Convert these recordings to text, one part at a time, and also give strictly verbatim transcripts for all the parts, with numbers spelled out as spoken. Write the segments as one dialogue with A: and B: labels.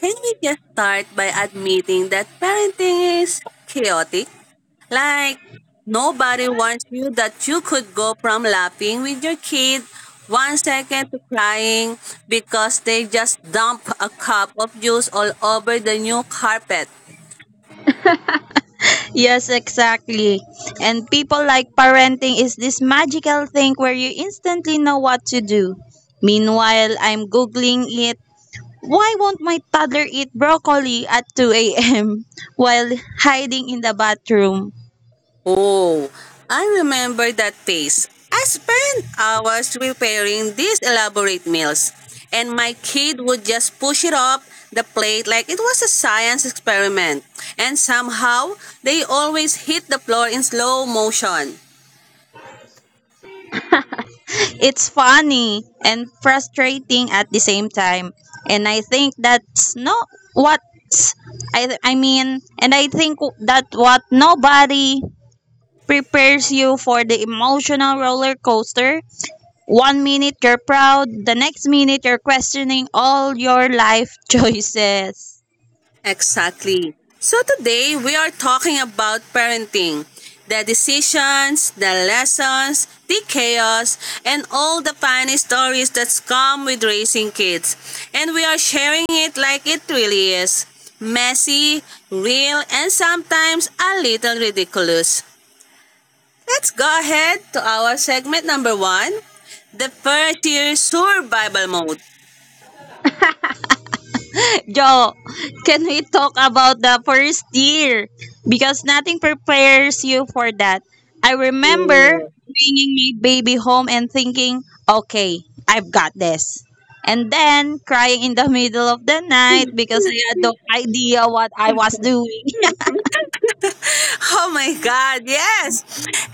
A: can we just start by admitting that parenting is chaotic? Like nobody warns you that you could go from laughing with your kid one second to crying because they just dump a cup of juice all over the new carpet.
B: Yes, exactly. And people like parenting is this magical thing where you instantly know what to do. Meanwhile, I'm Googling it. Why won't my toddler eat broccoli at two a m while hiding in the bathroom?
A: Oh, I remember that face. I spent hours preparing these elaborate meals, and my kid would just push it up the plate like it was a science experiment. And somehow, they always hit the floor in slow motion.
B: It's funny and frustrating at the same time. And I think that's not what I, I mean, and I think that what nobody prepares you for the emotional roller coaster. One minute you're proud, the next minute you're questioning all your life choices.
A: Exactly. So today we are talking about parenting, the decisions, the lessons, the chaos, and all the funny stories that come with raising kids. And we are sharing it like it really is messy, real, and sometimes a little ridiculous. Let's go ahead to our segment number one, the first year survival mode.
B: Joe, can we talk about the first year? Because nothing prepares you for that. I remember bringing my baby home and thinking, okay, I've got this. And then crying in the middle of the night because I had no idea what I was doing.
A: Oh my god, yes!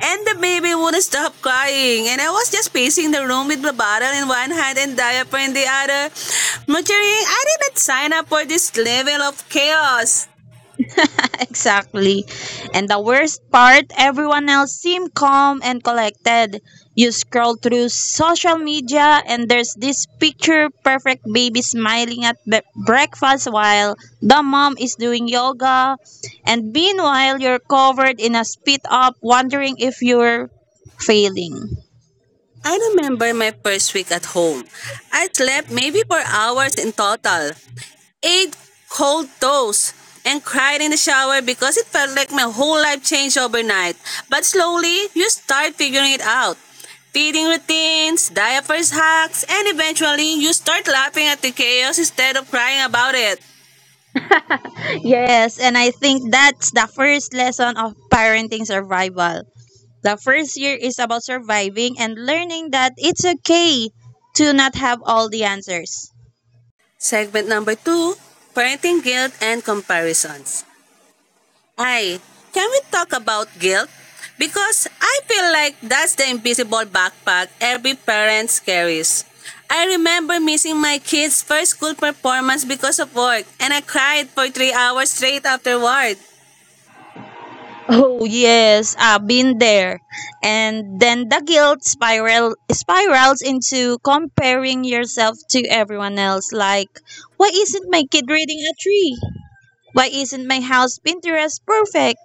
A: And the baby wouldn't stop crying, and I was just pacing the room with the bottle in one hand and diaper in the other, muttering, I did not sign up for this level of chaos.
B: Exactly. And the worst part, everyone else seemed calm and collected. You scroll through social media and there's this picture perfect baby smiling at be- breakfast while the mom is doing yoga. And meanwhile, you're covered in a spit up, wondering if you're failing.
A: I remember my first week at home. I slept maybe for hours in total, ate cold toast and cried in the shower because it felt like my whole life changed overnight. But slowly, you start figuring it out. Feeding routines, diapers hacks, and eventually, you start laughing at the chaos instead of crying about it.
B: Yes, and I think that's the first lesson of parenting survival. The first year is about surviving and learning that it's okay to not have all the answers.
A: Segment number two, parenting guilt and comparisons. Ay, can we talk about guilt? Because I feel like that's the invisible backpack every parent carries. I remember missing my kids' first school performance because of work, and I cried for three hours straight afterward.
B: Oh yes, I've been there. And then the guilt spiral spirals into comparing yourself to everyone else. Like, why isn't my kid reading a tree? Why isn't my house Pinterest perfect?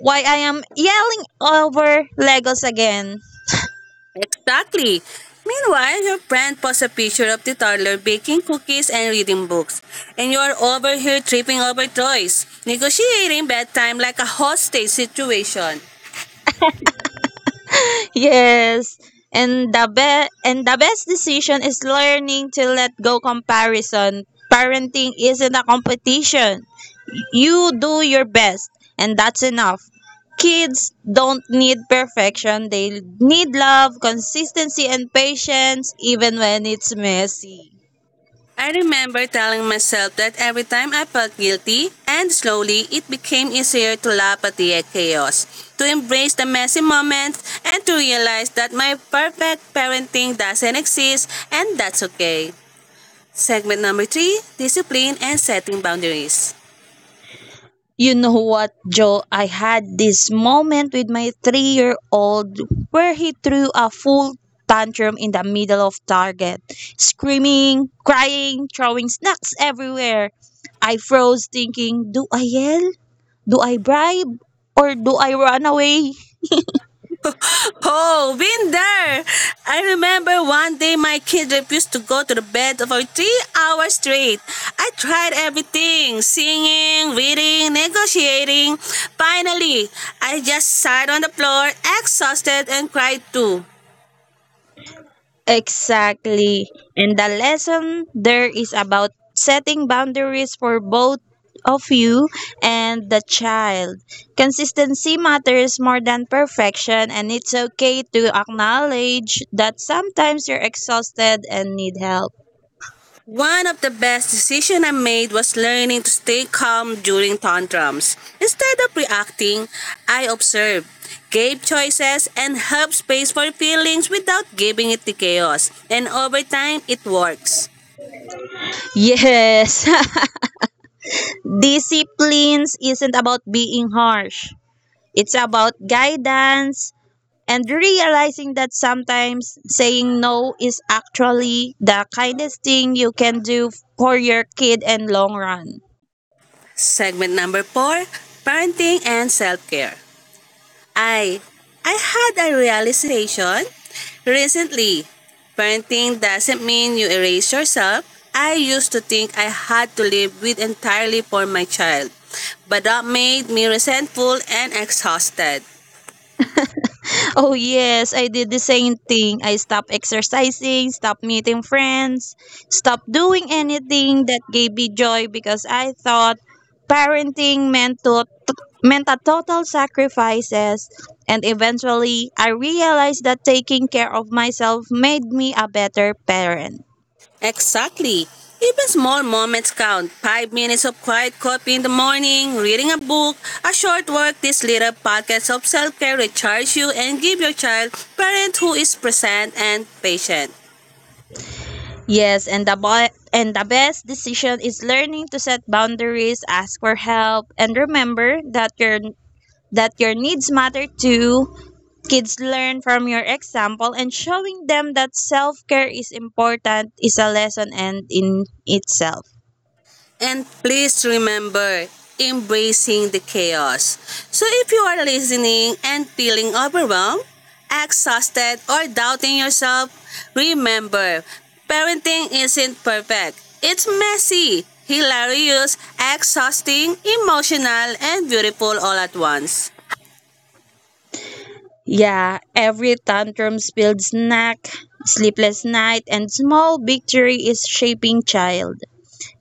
B: Why I am yelling over Legos again?
A: Exactly. Meanwhile, your friend posts a picture of the toddler baking cookies and reading books, and you're over here tripping over toys, negotiating bedtime like a hostage situation.
B: Yes. And the best and the best decision is learning to let go comparison. Parenting isn't a competition. You do your best and that's enough. Kids don't need perfection. They need love, consistency and patience, even when it's messy.
A: I remember telling myself that every time I felt guilty, and slowly it became easier to laugh at the chaos, to embrace the messy moments, and to realize that my perfect parenting doesn't exist, and that's okay. Segment number three, discipline and setting boundaries.
B: You know what, Joe? I had this moment with my three year old where he threw a full tantrum in the middle of Target, screaming, crying, throwing snacks everywhere. I froze, thinking, do I yell? Do I bribe? Or do I run away?
A: Oh, been there. I remember one day my kid refused to go to the bed for three hours straight. I tried everything: singing, reading, negotiating. Finally, I just sat on the floor, exhausted, and cried too.
B: Exactly. And the lesson there is about setting boundaries for both of you and the child. Consistency matters more than perfection, and it's okay to acknowledge that sometimes you're exhausted and need help.
A: One of the best decisions I made was learning to stay calm during tantrums. Instead of reacting, I observed, gave choices, and helped space for feelings without giving it to chaos. And over time, it works.
B: Yes, disciplines isn't about being harsh, it's about guidance, and realizing that sometimes saying no is actually the kindest thing you can do for your kid in long run.
A: Segment number four, parenting and self-care. I I had a realization recently. Parenting doesn't mean you erase yourself. I used to think I had to live with entirely for my child, but that made me resentful and exhausted.
B: Oh yes, I did the same thing. I stopped exercising, stopped meeting friends, stopped doing anything that gave me joy because I thought parenting meant to meant a total sacrifices, and eventually I realized that taking care of myself made me a better parent.
A: Exactly. Even small moments count. Five minutes of quiet coffee in the morning, reading a book, a short work, these little pockets of self care recharge you and give your child parent who is present and patient.
B: Yes, and the bo- and the best decision is learning to set boundaries, ask for help, and remember that your that your needs matter too. Kids learn from your example, and showing them that self-care is important is a lesson and in itself.
A: And please remember, embracing the chaos. So if you are listening and feeling overwhelmed, exhausted, or doubting yourself, remember, parenting isn't perfect. It's messy, hilarious, exhausting, emotional, and beautiful all at once.
B: Yeah, every tantrum, spilled snack, sleepless night, and small victory is shaping child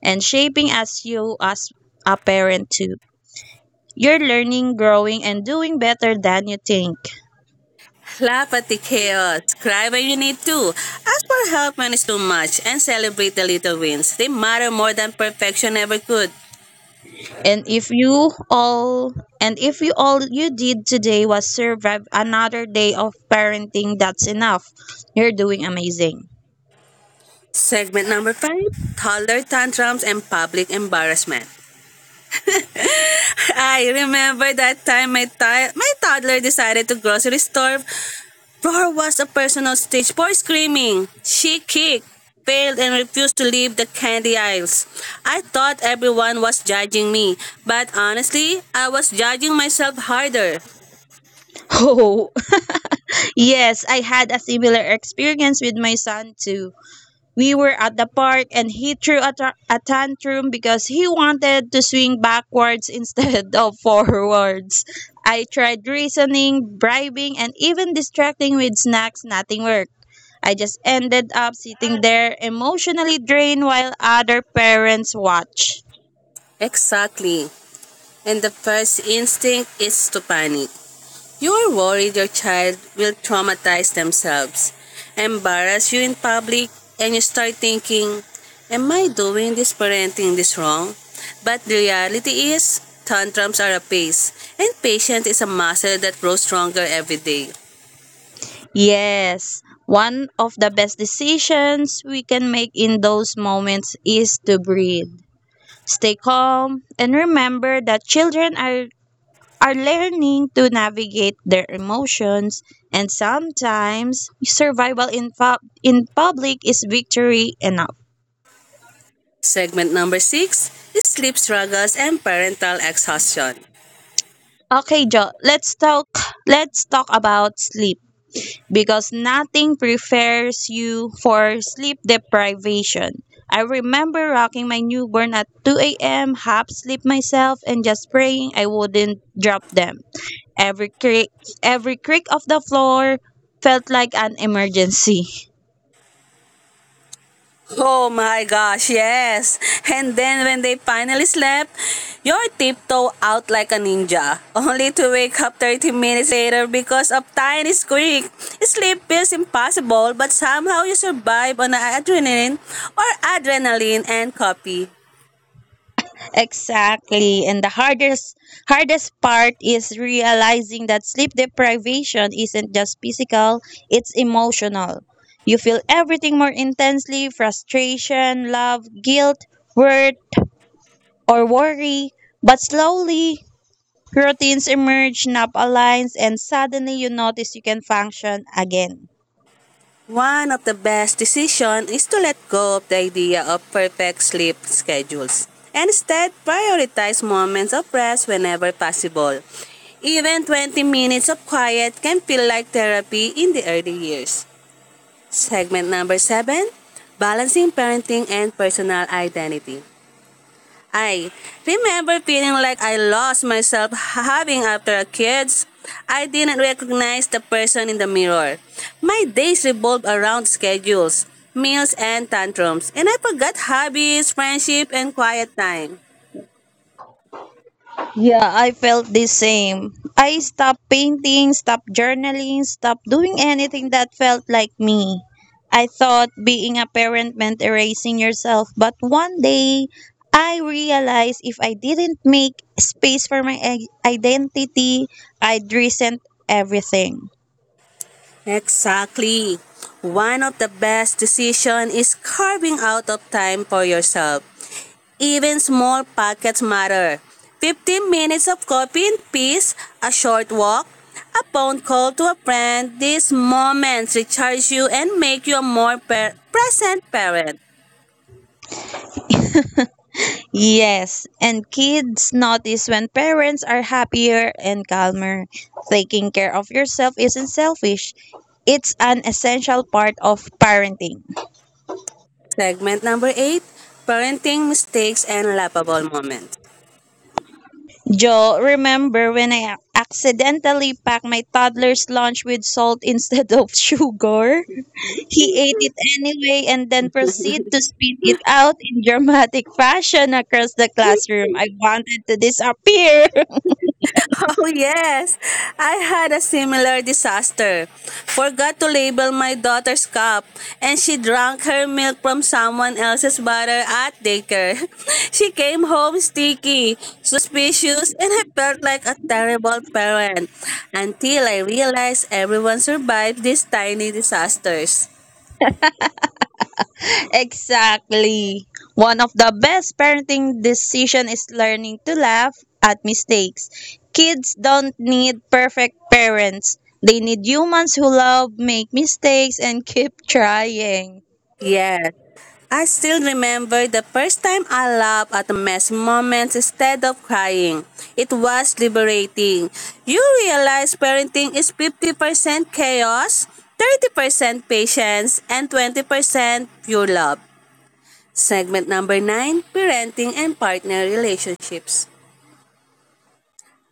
B: and shaping as you as a parent too. You're learning, growing, and doing better than you think.
A: Laugh at the chaos, cry when you need to, ask for help when it's too much, and celebrate the little wins. They matter more than perfection ever could.
B: And if you all and if you all you did today was survive another day of parenting, that's enough. You're doing amazing.
A: Segment number five, toddler tantrums and public embarrassment. I remember that time my, ti- my toddler decided to grocery store. Roar was a personal stage for screaming. She kicked, failed, and refused to leave the candy aisles. I thought everyone was judging me, but honestly, I was judging myself harder.
B: Oh, yes, I had a similar experience with my son too. We were at the park and he threw a, ta- a tantrum because he wanted to swing backwards instead of forwards. I tried reasoning, bribing, and even distracting with snacks. Nothing worked. I just ended up sitting there emotionally drained while other parents watch.
A: Exactly. And the first instinct is to panic. You are worried your child will traumatize themselves, embarrass you in public, and you start thinking, am I doing this parenting this wrong? But the reality is, tantrums are a pace, and patience is a muscle that grows stronger every day.
B: Yes, one of the best decisions we can make in those moments is to breathe. Stay calm and remember that children are are learning to navigate their emotions, and sometimes survival in, pu- in public is victory enough.
A: Segment number six, sleep struggles and parental exhaustion.
B: Okay, Jo, let's talk let's talk about sleep because nothing prepares you for sleep deprivation. I remember rocking my newborn at two a m, half sleep myself and just praying I wouldn't drop them. Every creak every creak of the floor felt like an emergency.
A: Oh my gosh, yes. And then when they finally slept, you're tiptoe out like a ninja, only to wake up thirty minutes later because of tiny squeak. Sleep feels impossible, but somehow you survive on adrenaline or adrenaline and coffee.
B: Exactly. And the hardest hardest part is realizing that sleep deprivation isn't just physical, it's emotional. You feel everything more intensely, frustration, love, guilt, worth, or worry. But slowly, routines emerge, nap aligns, and suddenly you notice you can function again.
A: One of the best decisions is to let go of the idea of perfect sleep schedules and instead prioritize moments of rest whenever possible. Even twenty minutes of quiet can feel like therapy in the early years. Segment number seven: balancing parenting and personal identity. I remember feeling like I lost myself having after kids. I didn't recognize the person in the mirror. My days revolved around schedules, meals, and tantrums, and I forgot hobbies, friendship, and quiet time.
B: Yeah, I felt the same. I stopped painting, stopped journaling, stopped doing anything that felt like me. I thought being a parent meant erasing yourself, but one day I realized if I didn't make space for my i- identity, I'd resent everything.
A: Exactly. One of the best decisions is carving out of time for yourself. Even small pockets matter. fifteen minutes of coffee in peace, a short walk, a phone call to a friend, these moments recharge you and make you a more per- present parent.
B: Yes, and kids notice when parents are happier and calmer. Taking care of yourself isn't selfish, it's an essential part of parenting.
A: Segment number eight, parenting mistakes and laughable moments.
B: Joe, remember when I accidentally packed my toddler's lunch with salt instead of sugar? He ate it anyway and then proceeded to spit it out in dramatic fashion across the classroom. I wanted to disappear.
A: Oh, yes. I had a similar disaster. Forgot to label my daughter's cup, and she drank her milk from someone else's bottle at daycare. She came home sticky, suspicious, and I felt like a terrible parent until I realized everyone survived these tiny disasters.
B: Exactly. One of the best parenting decision is learning to laugh at mistakes. Kids don't need perfect parents. They need humans who love make mistakes and keep trying.
A: Yes. I still remember the first time I laughed at messy moments instead of crying. It was liberating. You realize parenting is fifty percent chaos, thirty percent patience, and twenty percent pure love. Segment number nine, parenting and partner relationships.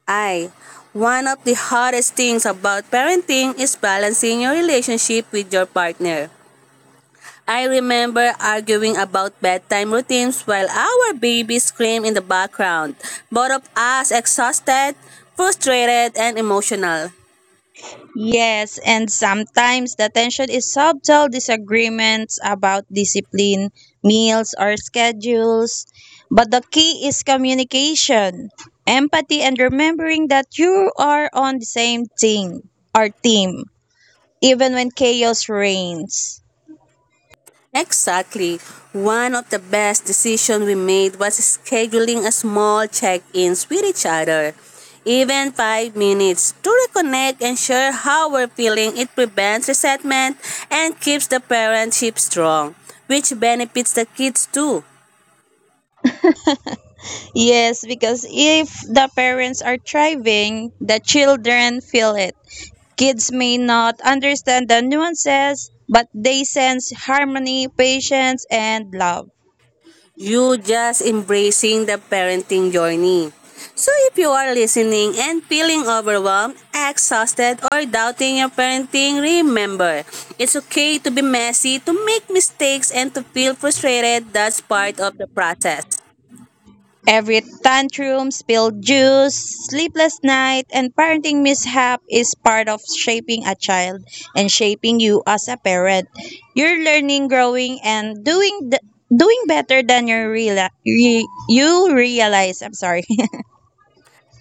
A: I. One of the hardest things about parenting is balancing your relationship with your partner. I remember arguing about bedtime routines while our baby screamed in the background, both of us exhausted, frustrated, and emotional.
B: Yes, and sometimes the tension is subtle disagreements about discipline, meals, or schedules. But the key is communication, empathy, and remembering that you are on the same team or team, even when chaos reigns.
A: Exactly. One of the best decisions we made was scheduling a small check ins with each other. Even five minutes to reconnect and share how we're feeling. It prevents resentment and keeps the parentship strong, which benefits the kids too.
B: Yes, because if the parents are thriving, the children feel it. Kids may not understand the nuances, but they sense harmony, patience, and love.
A: You just embracing the parenting journey. So if you are listening and feeling overwhelmed, exhausted, or doubting your parenting, remember, it's okay to be messy, to make mistakes, and to feel frustrated. That's part of the process.
B: Every tantrum, spilled juice, sleepless night, and parenting mishap is part of shaping a child and shaping you as a parent. You're learning, growing, and doing the doing better than you reala- re- you realize. I'm sorry.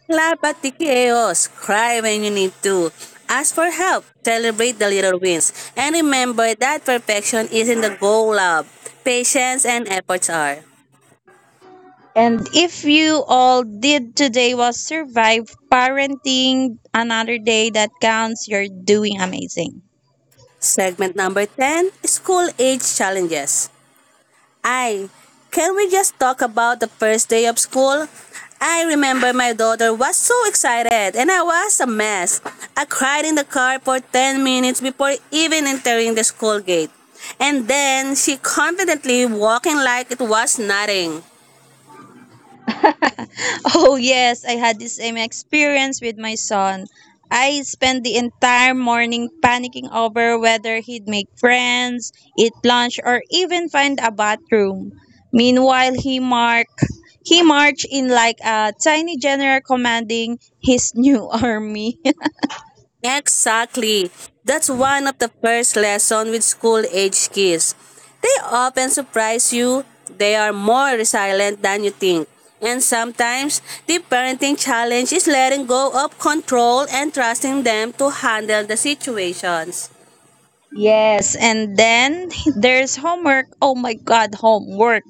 A: Laugh at the chaos, cry when you need to. Ask for help, celebrate the little wins, and remember that perfection isn't the goal, love. Patience and efforts are.
B: And if you all did today was survive parenting another day, that counts. You're doing amazing.
A: Segment number ten, school age challenges. I. Can we just talk about the first day of school? I remember my daughter was so excited and I was a mess. I cried in the car for ten minutes before even entering the school gate. And then she confidently walking like it was nothing.
B: Oh, yes, I had the same experience with my son. I spent the entire morning panicking over whether he'd make friends, eat lunch, or even find a bathroom. Meanwhile, he marked he marched in like a tiny general commanding his new army.
A: Exactly. That's one of the first lesson with school age kids. They often surprise you. They are more resilient than you think. And sometimes the parenting challenge is letting go of control and trusting them to handle the situations.
B: Yes, and then there's homework. Oh my god, homework.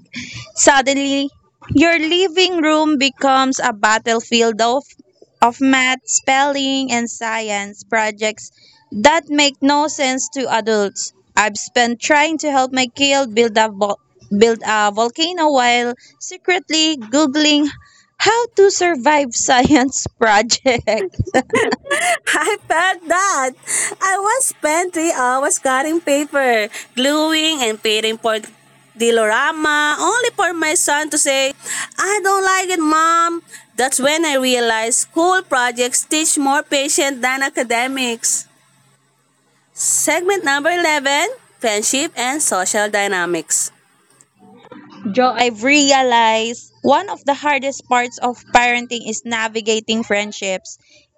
B: Suddenly, your living room becomes a battlefield of, of math, spelling, and science projects that make no sense to adults. I've spent trying to help my kid build a, vol- build a volcano while secretly Googling how to survive science project.
A: I felt that. I was spent three hours cutting paper, gluing and painting for Dilorama, only for my son to say, I don't like it, mom. That's when I realized school projects teach more patience than academics. Segment number eleven: friendship and social dynamics.
B: Joe, I've realized one of the hardest parts of parenting is navigating friendships.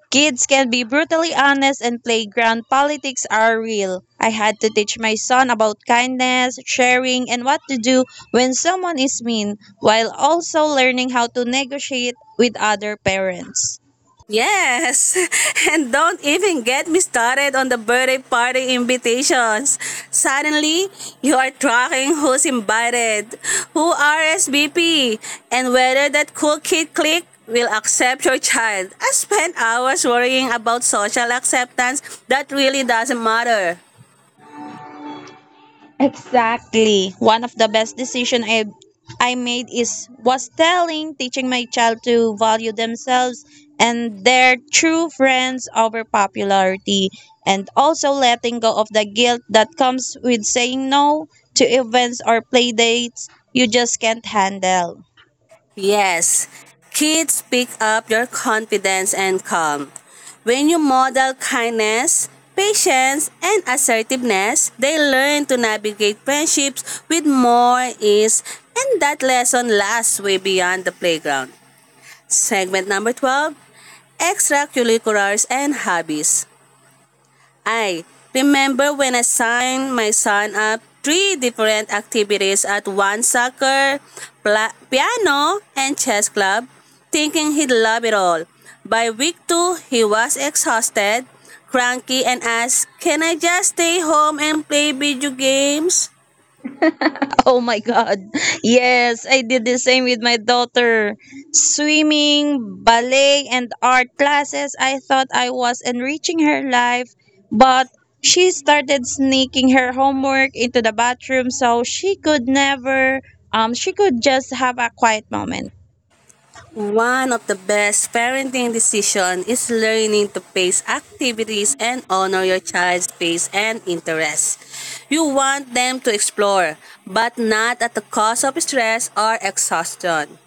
B: Kids can be brutally honest and playground politics are real. I had to teach my son about kindness, sharing, and what to do when someone is mean, while also learning how to negotiate with other parents.
A: Yes, and don't even get me started on the birthday party invitations. Suddenly, you are tracking who's invited, who R S V P, and whether that cool kid clique will accept your child. I spent hours worrying about social acceptance that really doesn't matter.
B: Exactly. One of the best decision I I made is was telling teaching my child to value themselves and their true friends over popularity, and also letting go of the guilt that comes with saying no to events or play dates you just can't handle.
A: Yes, kids pick up your confidence and calm. When you model kindness, patience, and assertiveness, they learn to navigate friendships with more ease, and that lesson lasts way beyond the playground. Segment number twelve, extracurriculars and hobbies. I remember when I signed my son up three different activities at one soccer, pla- piano, and chess club, thinking he'd love it all. By week two, he was exhausted, cranky, and asked, can I just stay home and play video games?
B: Oh my God. Yes, I did the same with my daughter. Swimming, ballet, and art classes. I thought I was enriching her life, but she started sneaking her homework into the bathroom so she could never, um, she could just have a quiet moment.
A: One of the best parenting decisions is learning to pace activities and honor your child's pace and interests. You want them to explore, but not at the cost of stress or exhaustion.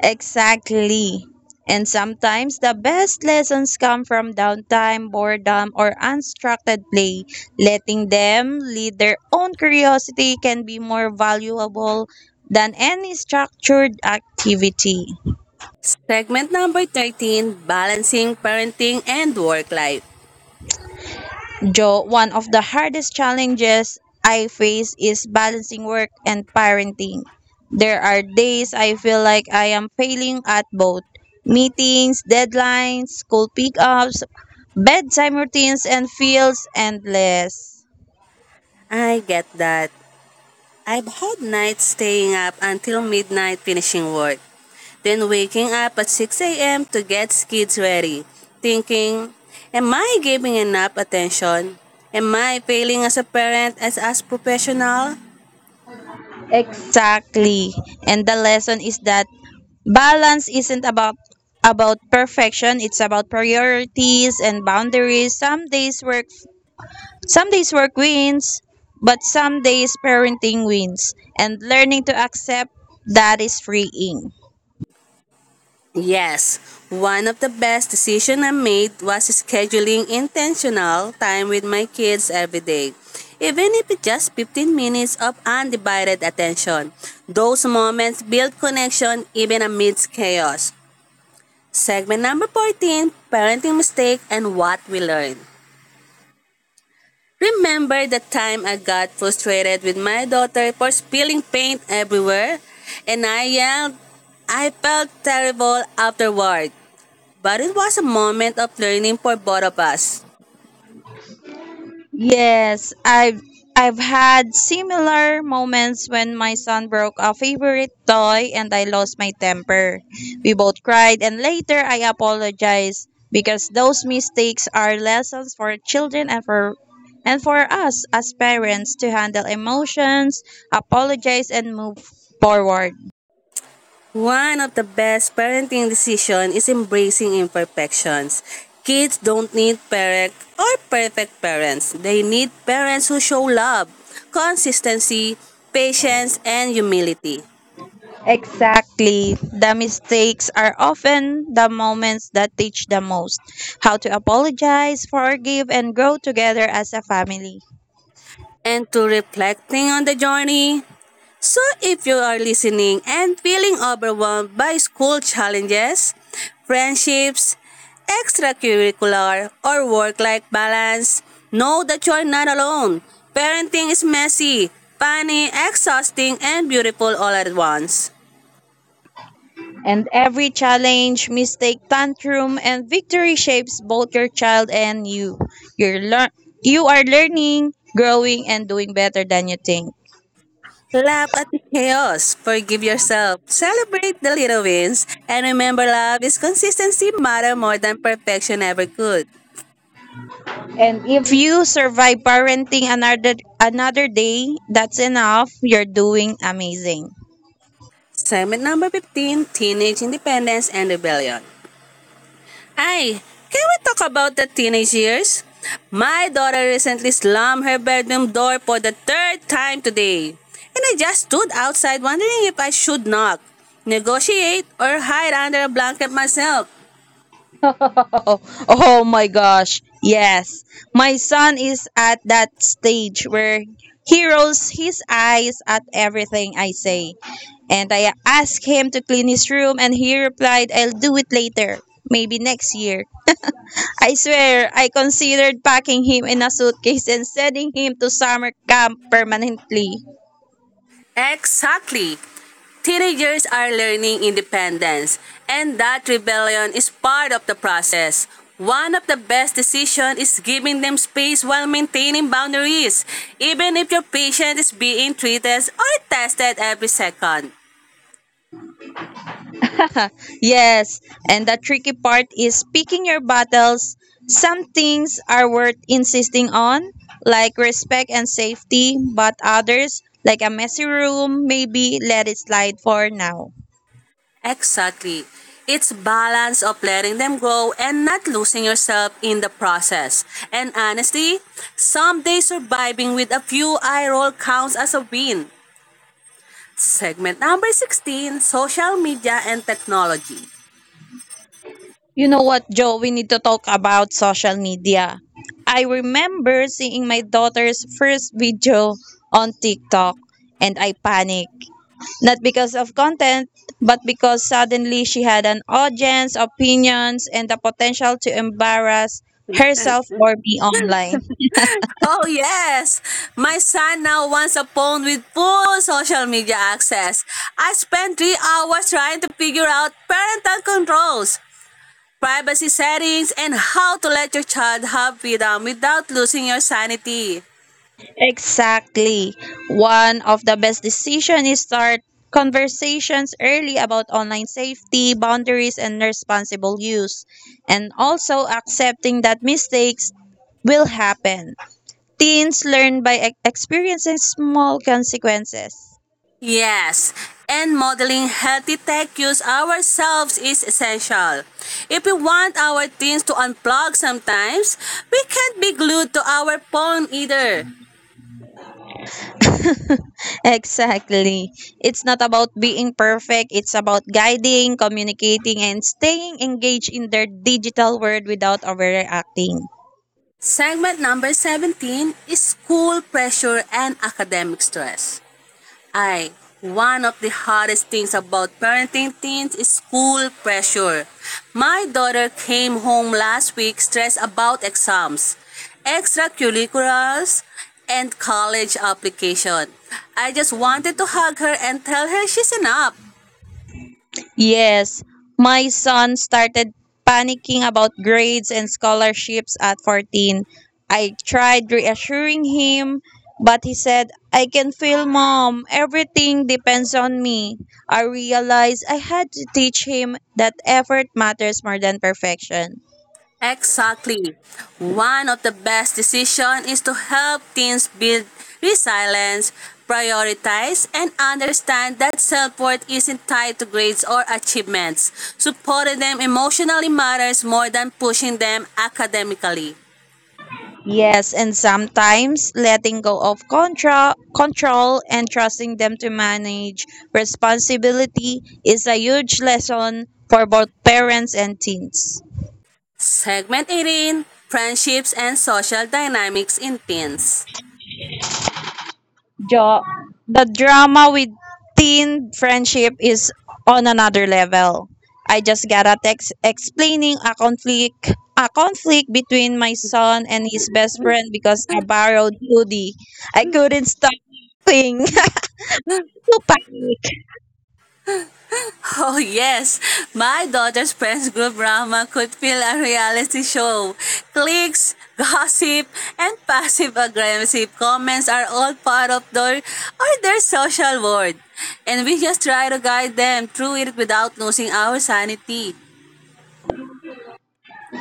B: Exactly. And sometimes the best lessons come from downtime, boredom, or unstructured play. Letting them lead their own curiosity can be more valuable than any structured activity.
A: Segment number thirteen: balancing parenting and work life.
B: Joe, one of the hardest challenges I face is balancing work and parenting. There are days I feel like I am failing at both. Meetings, deadlines, school pickups, bedtime routines, and feels endless.
A: I get that. I've had nights staying up until midnight finishing work, then waking up at six a m to get kids ready, thinking, am I giving enough attention? Am I failing as a parent as as professional?
B: Exactly. And the lesson is that balance isn't about about perfection, it's about priorities and boundaries. Some days work Some days work wins, but some days parenting wins, and learning to accept that is freeing.
A: Yes, one of the best decisions I made was scheduling intentional time with my kids every day. Even if it's just fifteen minutes of undivided attention, those moments build connection even amidst chaos. Segment number fourteen, parenting mistake and what we learn. Remember the time I got frustrated with my daughter for spilling paint everywhere? And I yelled, I felt terrible afterward. But it was a moment of learning for both of us.
B: Yes, I've I've had similar moments when my son broke a favorite toy and I lost my temper. We both cried and later I apologized because those mistakes are lessons for children and for and for us as parents to handle emotions, apologize and move forward.
A: One of the best parenting decisions is embracing imperfections. Kids don't need perfect or perfect parents. They need parents who show love, consistency, patience, and humility.
B: Exactly. The mistakes are often the moments that teach the most, how to apologize, forgive, and grow together as a family.
A: And to reflecting on the journey. So, if you are listening and feeling overwhelmed by school challenges, friendships, extracurricular, or work life balance, know that you are not alone. Parenting is messy, funny, exhausting, and beautiful all at once.
B: And every challenge, mistake, tantrum, and victory shapes both your child and you. You're lear- you are learning, growing, and doing better than you think.
A: Laugh at the chaos, forgive yourself, celebrate the little wins, and remember love is consistency matter more than perfection ever could.
B: And if you survive parenting another another day, that's enough. You're doing amazing.
A: Segment number fifteen: Teenage Independence and Rebellion. Ay, can we talk about the teenage years? My daughter recently slammed her bedroom door for the third time today, and I just stood outside wondering if I should knock, negotiate, or hide under a blanket myself.
B: Oh, oh my gosh. Yes. My son is at that stage where he rolls his eyes at everything I say. And I asked him to clean his room, and he replied, I'll do it later. Maybe next year. I swear, I considered packing him in a suitcase and sending him to summer camp permanently.
A: Exactly. Teenagers are learning independence, and that rebellion is part of the process. One of the best decisions is giving them space while maintaining boundaries, even if your patient is being treated or tested every second.
B: Yes, and the tricky part is picking your battles. Some things are worth insisting on, like respect and safety, but others, like a messy room, maybe let it slide for now.
A: Exactly. It's balance of letting them grow and not losing yourself in the process. And honestly, someday surviving with a few eye roll counts as a win. Segment number sixteen: Social Media and Technology.
B: You know what, Joe? We need to talk about social media. I remember seeing my daughter's first video on TikTok and I panicked. Not because of content, but because suddenly she had an audience, opinions, and the potential to embarrass herself or me online.
A: Oh yes, my son now wants a phone with full social media access. I spent three hours trying to figure out parental controls, privacy settings, and how to let your child have freedom without losing your sanity.
B: Exactly. One of the best decisions is start conversations early about online safety, boundaries, and responsible use, and also accepting that mistakes will happen. Teens learn by e- experiencing small consequences.
A: Yes, and modeling healthy tech use ourselves is essential. If we want our teens to unplug sometimes, we can't be glued to our phone either.
B: Exactly. It's not about being perfect, it's about guiding, communicating, and staying engaged in their digital world without overreacting.
A: Segment number seventeen is school pressure and academic stress. ay one of the hardest things about parenting teens is school pressure. My daughter came home last week stressed about exams, extracurriculars, and college application. I just wanted to hug her and tell her she's enough.
B: Yes, my son started panicking about grades and scholarships at fourteen. I tried reassuring him, but he said, I can feel mom. Everything depends on me. I realized I had to teach him that effort matters more than perfection.
A: Exactly. One of the best decisions is to help teens build resilience, prioritize, and understand that self-worth isn't tied to grades or achievements. Supporting them emotionally matters more than pushing them academically.
B: Yes, and sometimes letting go of contra- control and trusting them to manage responsibility is a huge lesson for both parents and teens.
A: Segment eighteen, Friendships and Social Dynamics in Teens.
B: Jo- the drama with teen friendship is on another level. I just got a text explaining a conflict a conflict between my son and his best friend because I borrowed hoodie. I couldn't stop laughing.
A: Oh yes, my daughter's friends group drama could feel a reality show. Clicks, gossip, and passive-aggressive comments are all part of their or their social world, and we just try to guide them through it without losing our sanity.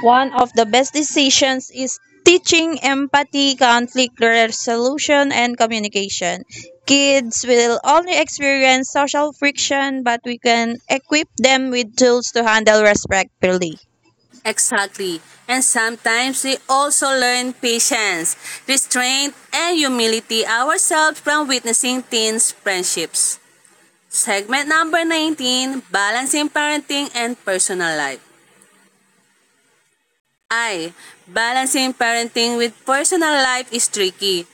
B: One of the best decisions is teaching empathy, conflict resolution, and communication. Kids will only experience social friction, but we can equip them with tools to handle respectfully.
A: Exactly. And sometimes we also learn patience, restraint, and humility ourselves from witnessing teens' friendships. Segment number nineteen, Balancing Parenting and Personal Life. I, Balancing parenting with personal life is tricky.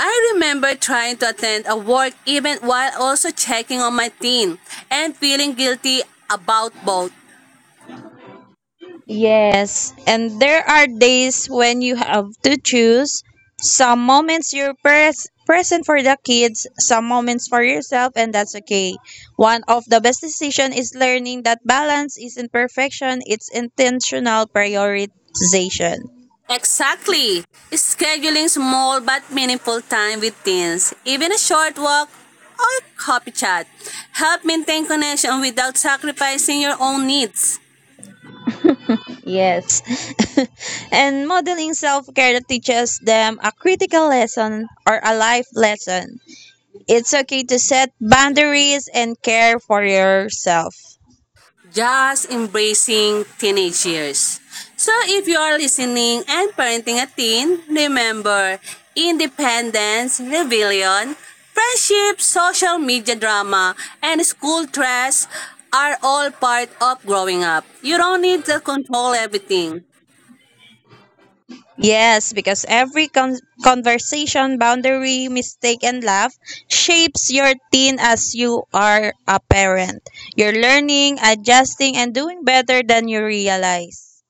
A: I remember trying to attend a work event while also checking on my teen and feeling guilty about both.
B: Yes, and there are days when you have to choose. Some moments you're pres- present for the kids, some moments for yourself, and that's okay. One of the best decision is learning that balance isn't perfection; it's intentional prioritization.
A: Exactly. Scheduling small but meaningful time with teens, even a short walk or coffee chat, help maintain connection without sacrificing your own needs.
B: Yes, and modeling self-care that teaches them a critical lesson or a life lesson. It's okay to set boundaries and care for yourself.
A: Just embracing teenage years. So if you are listening and parenting a teen, remember independence, rebellion, friendship, social media drama, and school stress are all part of growing up. You don't need to control everything.
B: Yes, because every con- conversation, boundary, mistake, and laugh shapes your teen as you are a parent. You're learning, adjusting, and doing better than you realize.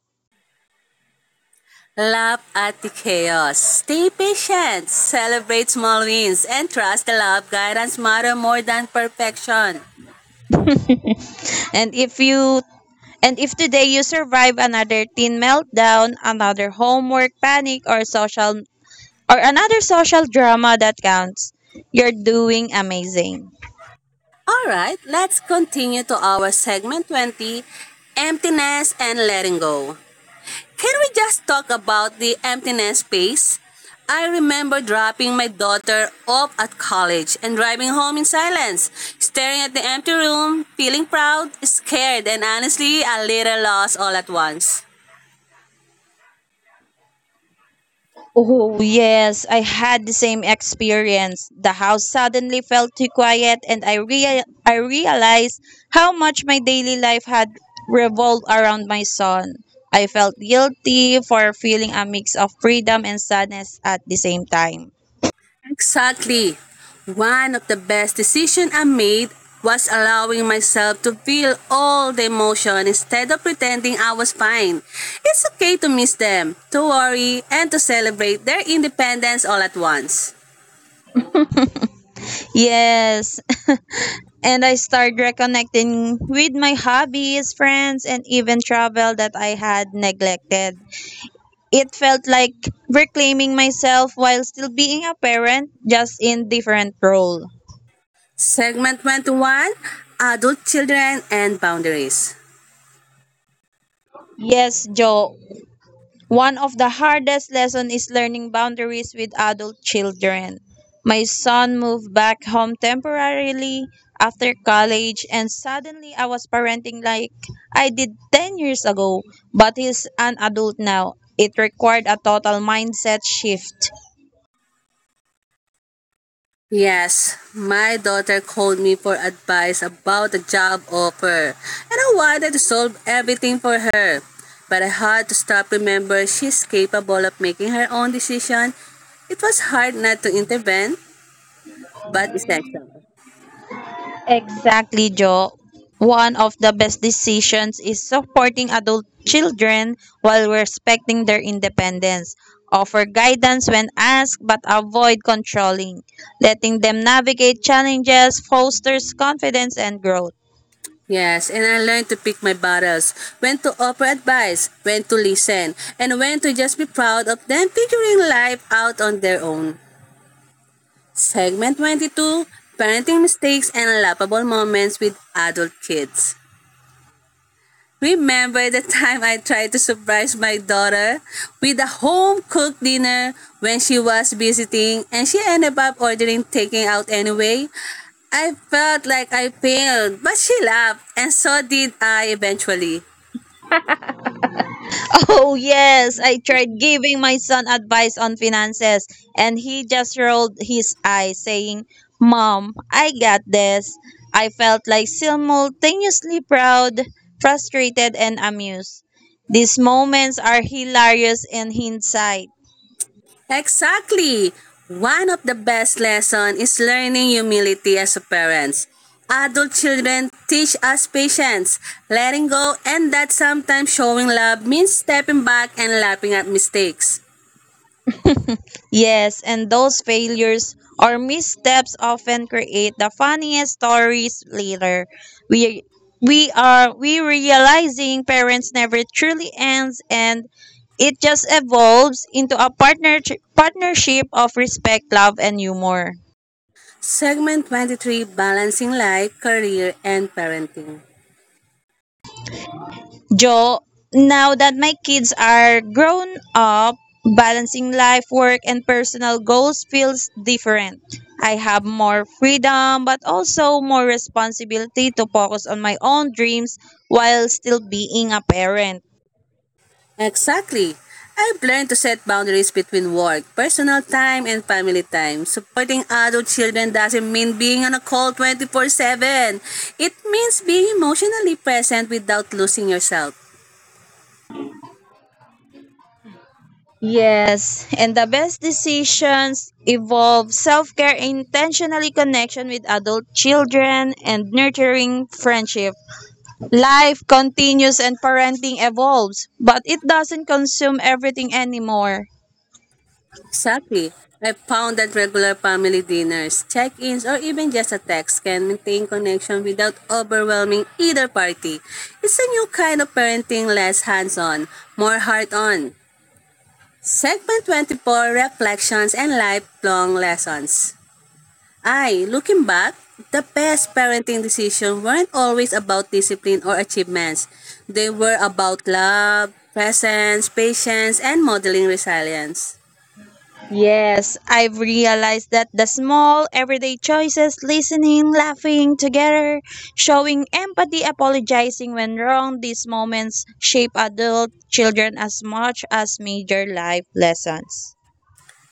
A: Laugh at the chaos. Stay patient. Celebrate small wins and trust the love guidance matter more than perfection.
B: And if you and if today you survive another teen meltdown, another homework panic or social or another social drama, that counts. You're doing amazing.
A: Alright, let's continue to our segment twenty, emptiness and letting go. Can we just talk about the emptiness space? I remember dropping my daughter off at college and driving home in silence, staring at the empty room, feeling proud, scared, and honestly a little lost all at once.
B: Oh, yes, I had the same experience. The house suddenly felt too quiet, and I, rea- I realized how much my daily life had revolved around my son. I felt guilty for feeling a mix of freedom and sadness at the same time.
A: Exactly. One of the best decisions I made was allowing myself to feel all the emotion instead of pretending I was fine. It's okay to miss them, to worry, and to celebrate their independence all at once.
B: Yes, and I started reconnecting with my hobbies, friends, and even travel that I had neglected. It felt like reclaiming myself while still being a parent, just in different role.
A: Segment one, Adult Children and Boundaries.
B: Yes, Joe. One of the hardest lessons is learning boundaries with adult children. My son moved back home temporarily after college, and suddenly I was parenting like I did ten years ago, but he's an adult now. It required a total mindset shift.
A: Yes, my daughter called me for advice about a job offer, and I wanted to solve everything for her. But I had to stop remember she's capable of making her own decision. It was hard not to intervene, but essential.
B: Exactly, Joe. One of the best decisions is supporting adult children while respecting their independence. Offer guidance when asked, but avoid controlling. Letting them navigate challenges fosters confidence and growth.
A: Yes, and I learned to pick my battles, when to offer advice, when to listen, and when to just be proud of them figuring life out on their own. Segment Twenty Two: Parenting Mistakes and Laughable Moments with Adult Kids. Remember the time I tried to surprise my daughter with a home cooked dinner when she was visiting and she ended up ordering taking out anyway? I felt like I failed, but she laughed, and so did I eventually.
B: Oh, yes. I tried giving my son advice on finances, and he just rolled his eyes, saying, Mom, I got this. I felt like simultaneously proud, frustrated, and amused. These moments are hilarious in hindsight.
A: Exactly. One of the best lesson is learning humility as a parents. Adult children teach us patience, letting go, and that sometimes showing love means stepping back and laughing at mistakes.
B: Yes, and those failures or missteps often create the funniest stories later. We we are we realizing parents never truly ends, and it just evolves into a partner partnership of respect, love and humor.
A: Segment twenty-three: Balancing Life, Career, and Parenting.
B: Joe, now that my kids are grown up, balancing life, work, and personal goals feels different. I have more freedom, but also more responsibility to focus on my own dreams while still being a parent.
A: Exactly. I've learned to set boundaries between work, personal time, and family time. Supporting adult children doesn't mean being on a call twenty four seven. It means being emotionally present without losing yourself.
B: Yes, and the best decisions involve self care, intentionally connection with adult children, and nurturing friendship. Life continues and parenting evolves, but it doesn't consume everything anymore.
A: Exactly. I found that regular family dinners, check ins, or even just a text can maintain connection without overwhelming either party. It's a new kind of parenting less hands on, more heart on. Segment Twenty Four: Reflections and Lifelong Lessons. Ay, looking back, the best parenting decisions weren't always about discipline or achievements. They were about love, presence, patience, and modeling resilience.
B: Yes, I've realized that the small, everyday choices listening, laughing together, showing empathy, apologizing when wrong these moments shape adult children as much as major life lessons.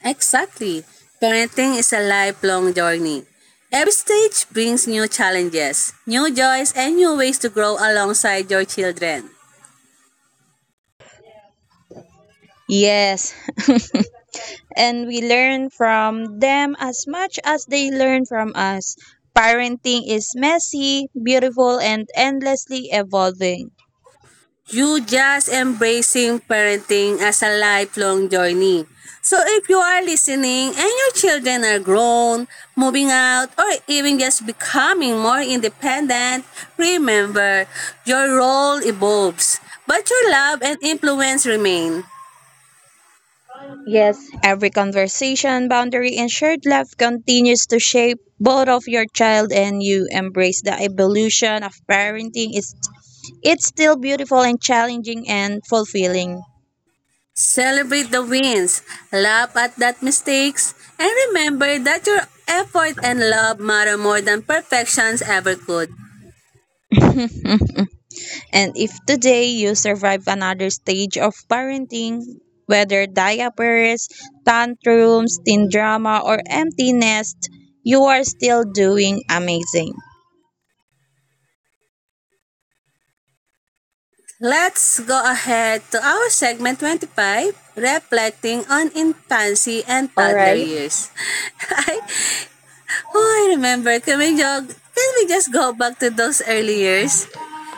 A: Exactly. Parenting is a lifelong journey. Every stage brings new challenges, new joys, and new ways to grow alongside your children.
B: Yes. And we learn from them as much as they learn from us. Parenting is messy, beautiful, and endlessly evolving.
A: You just embracing parenting as a lifelong journey. So if you are listening and your children are grown, moving out, or even just becoming more independent, remember your role evolves, but your love and influence remain.
B: Yes, every conversation, boundary, and shared laugh continues to shape both of your child and you. Embrace the evolution of parenting. It's, it's still beautiful and challenging and fulfilling.
A: Celebrate the wins, laugh at that mistakes, and remember that your effort and love matter more than perfections ever could.
B: And if today you survive another stage of parenting, whether diapers, tantrums, teen drama, or empty nest, you are still doing amazing.
A: Let's go ahead to our segment twenty five, reflecting on infancy and
B: All
A: toddler
B: right.
A: years. I, oh, I remember, can we, jog, Can we just go back to those early years?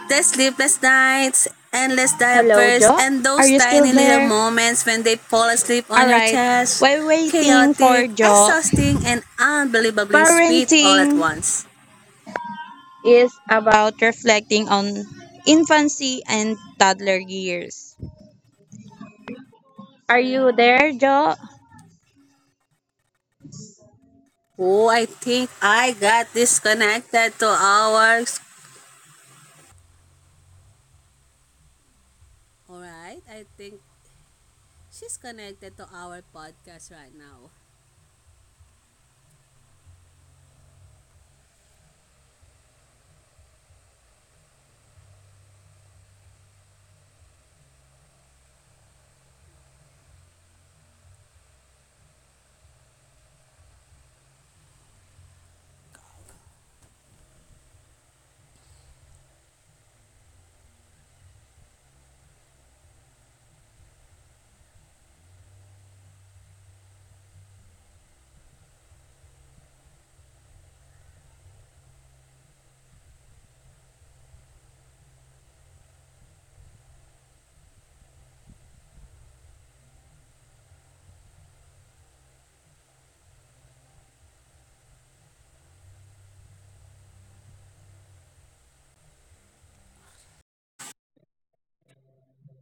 A: The sleepless nights, endless
B: Hello,
A: diapers,
B: Jo.
A: and
B: Are
A: those
B: you still
A: tiny little
B: there?
A: moments when they fall asleep on
B: All
A: your
B: right.
A: chest.
B: While waiting
A: Chaotic,
B: for Joe,
A: exhausting, and unbelievably sweet all
B: parenting
A: at once.
B: is about reflecting on infancy and toddler years. Are you there, Joe?
A: Oh, I think I got disconnected to our Alright? I think she's connected to our podcast right now.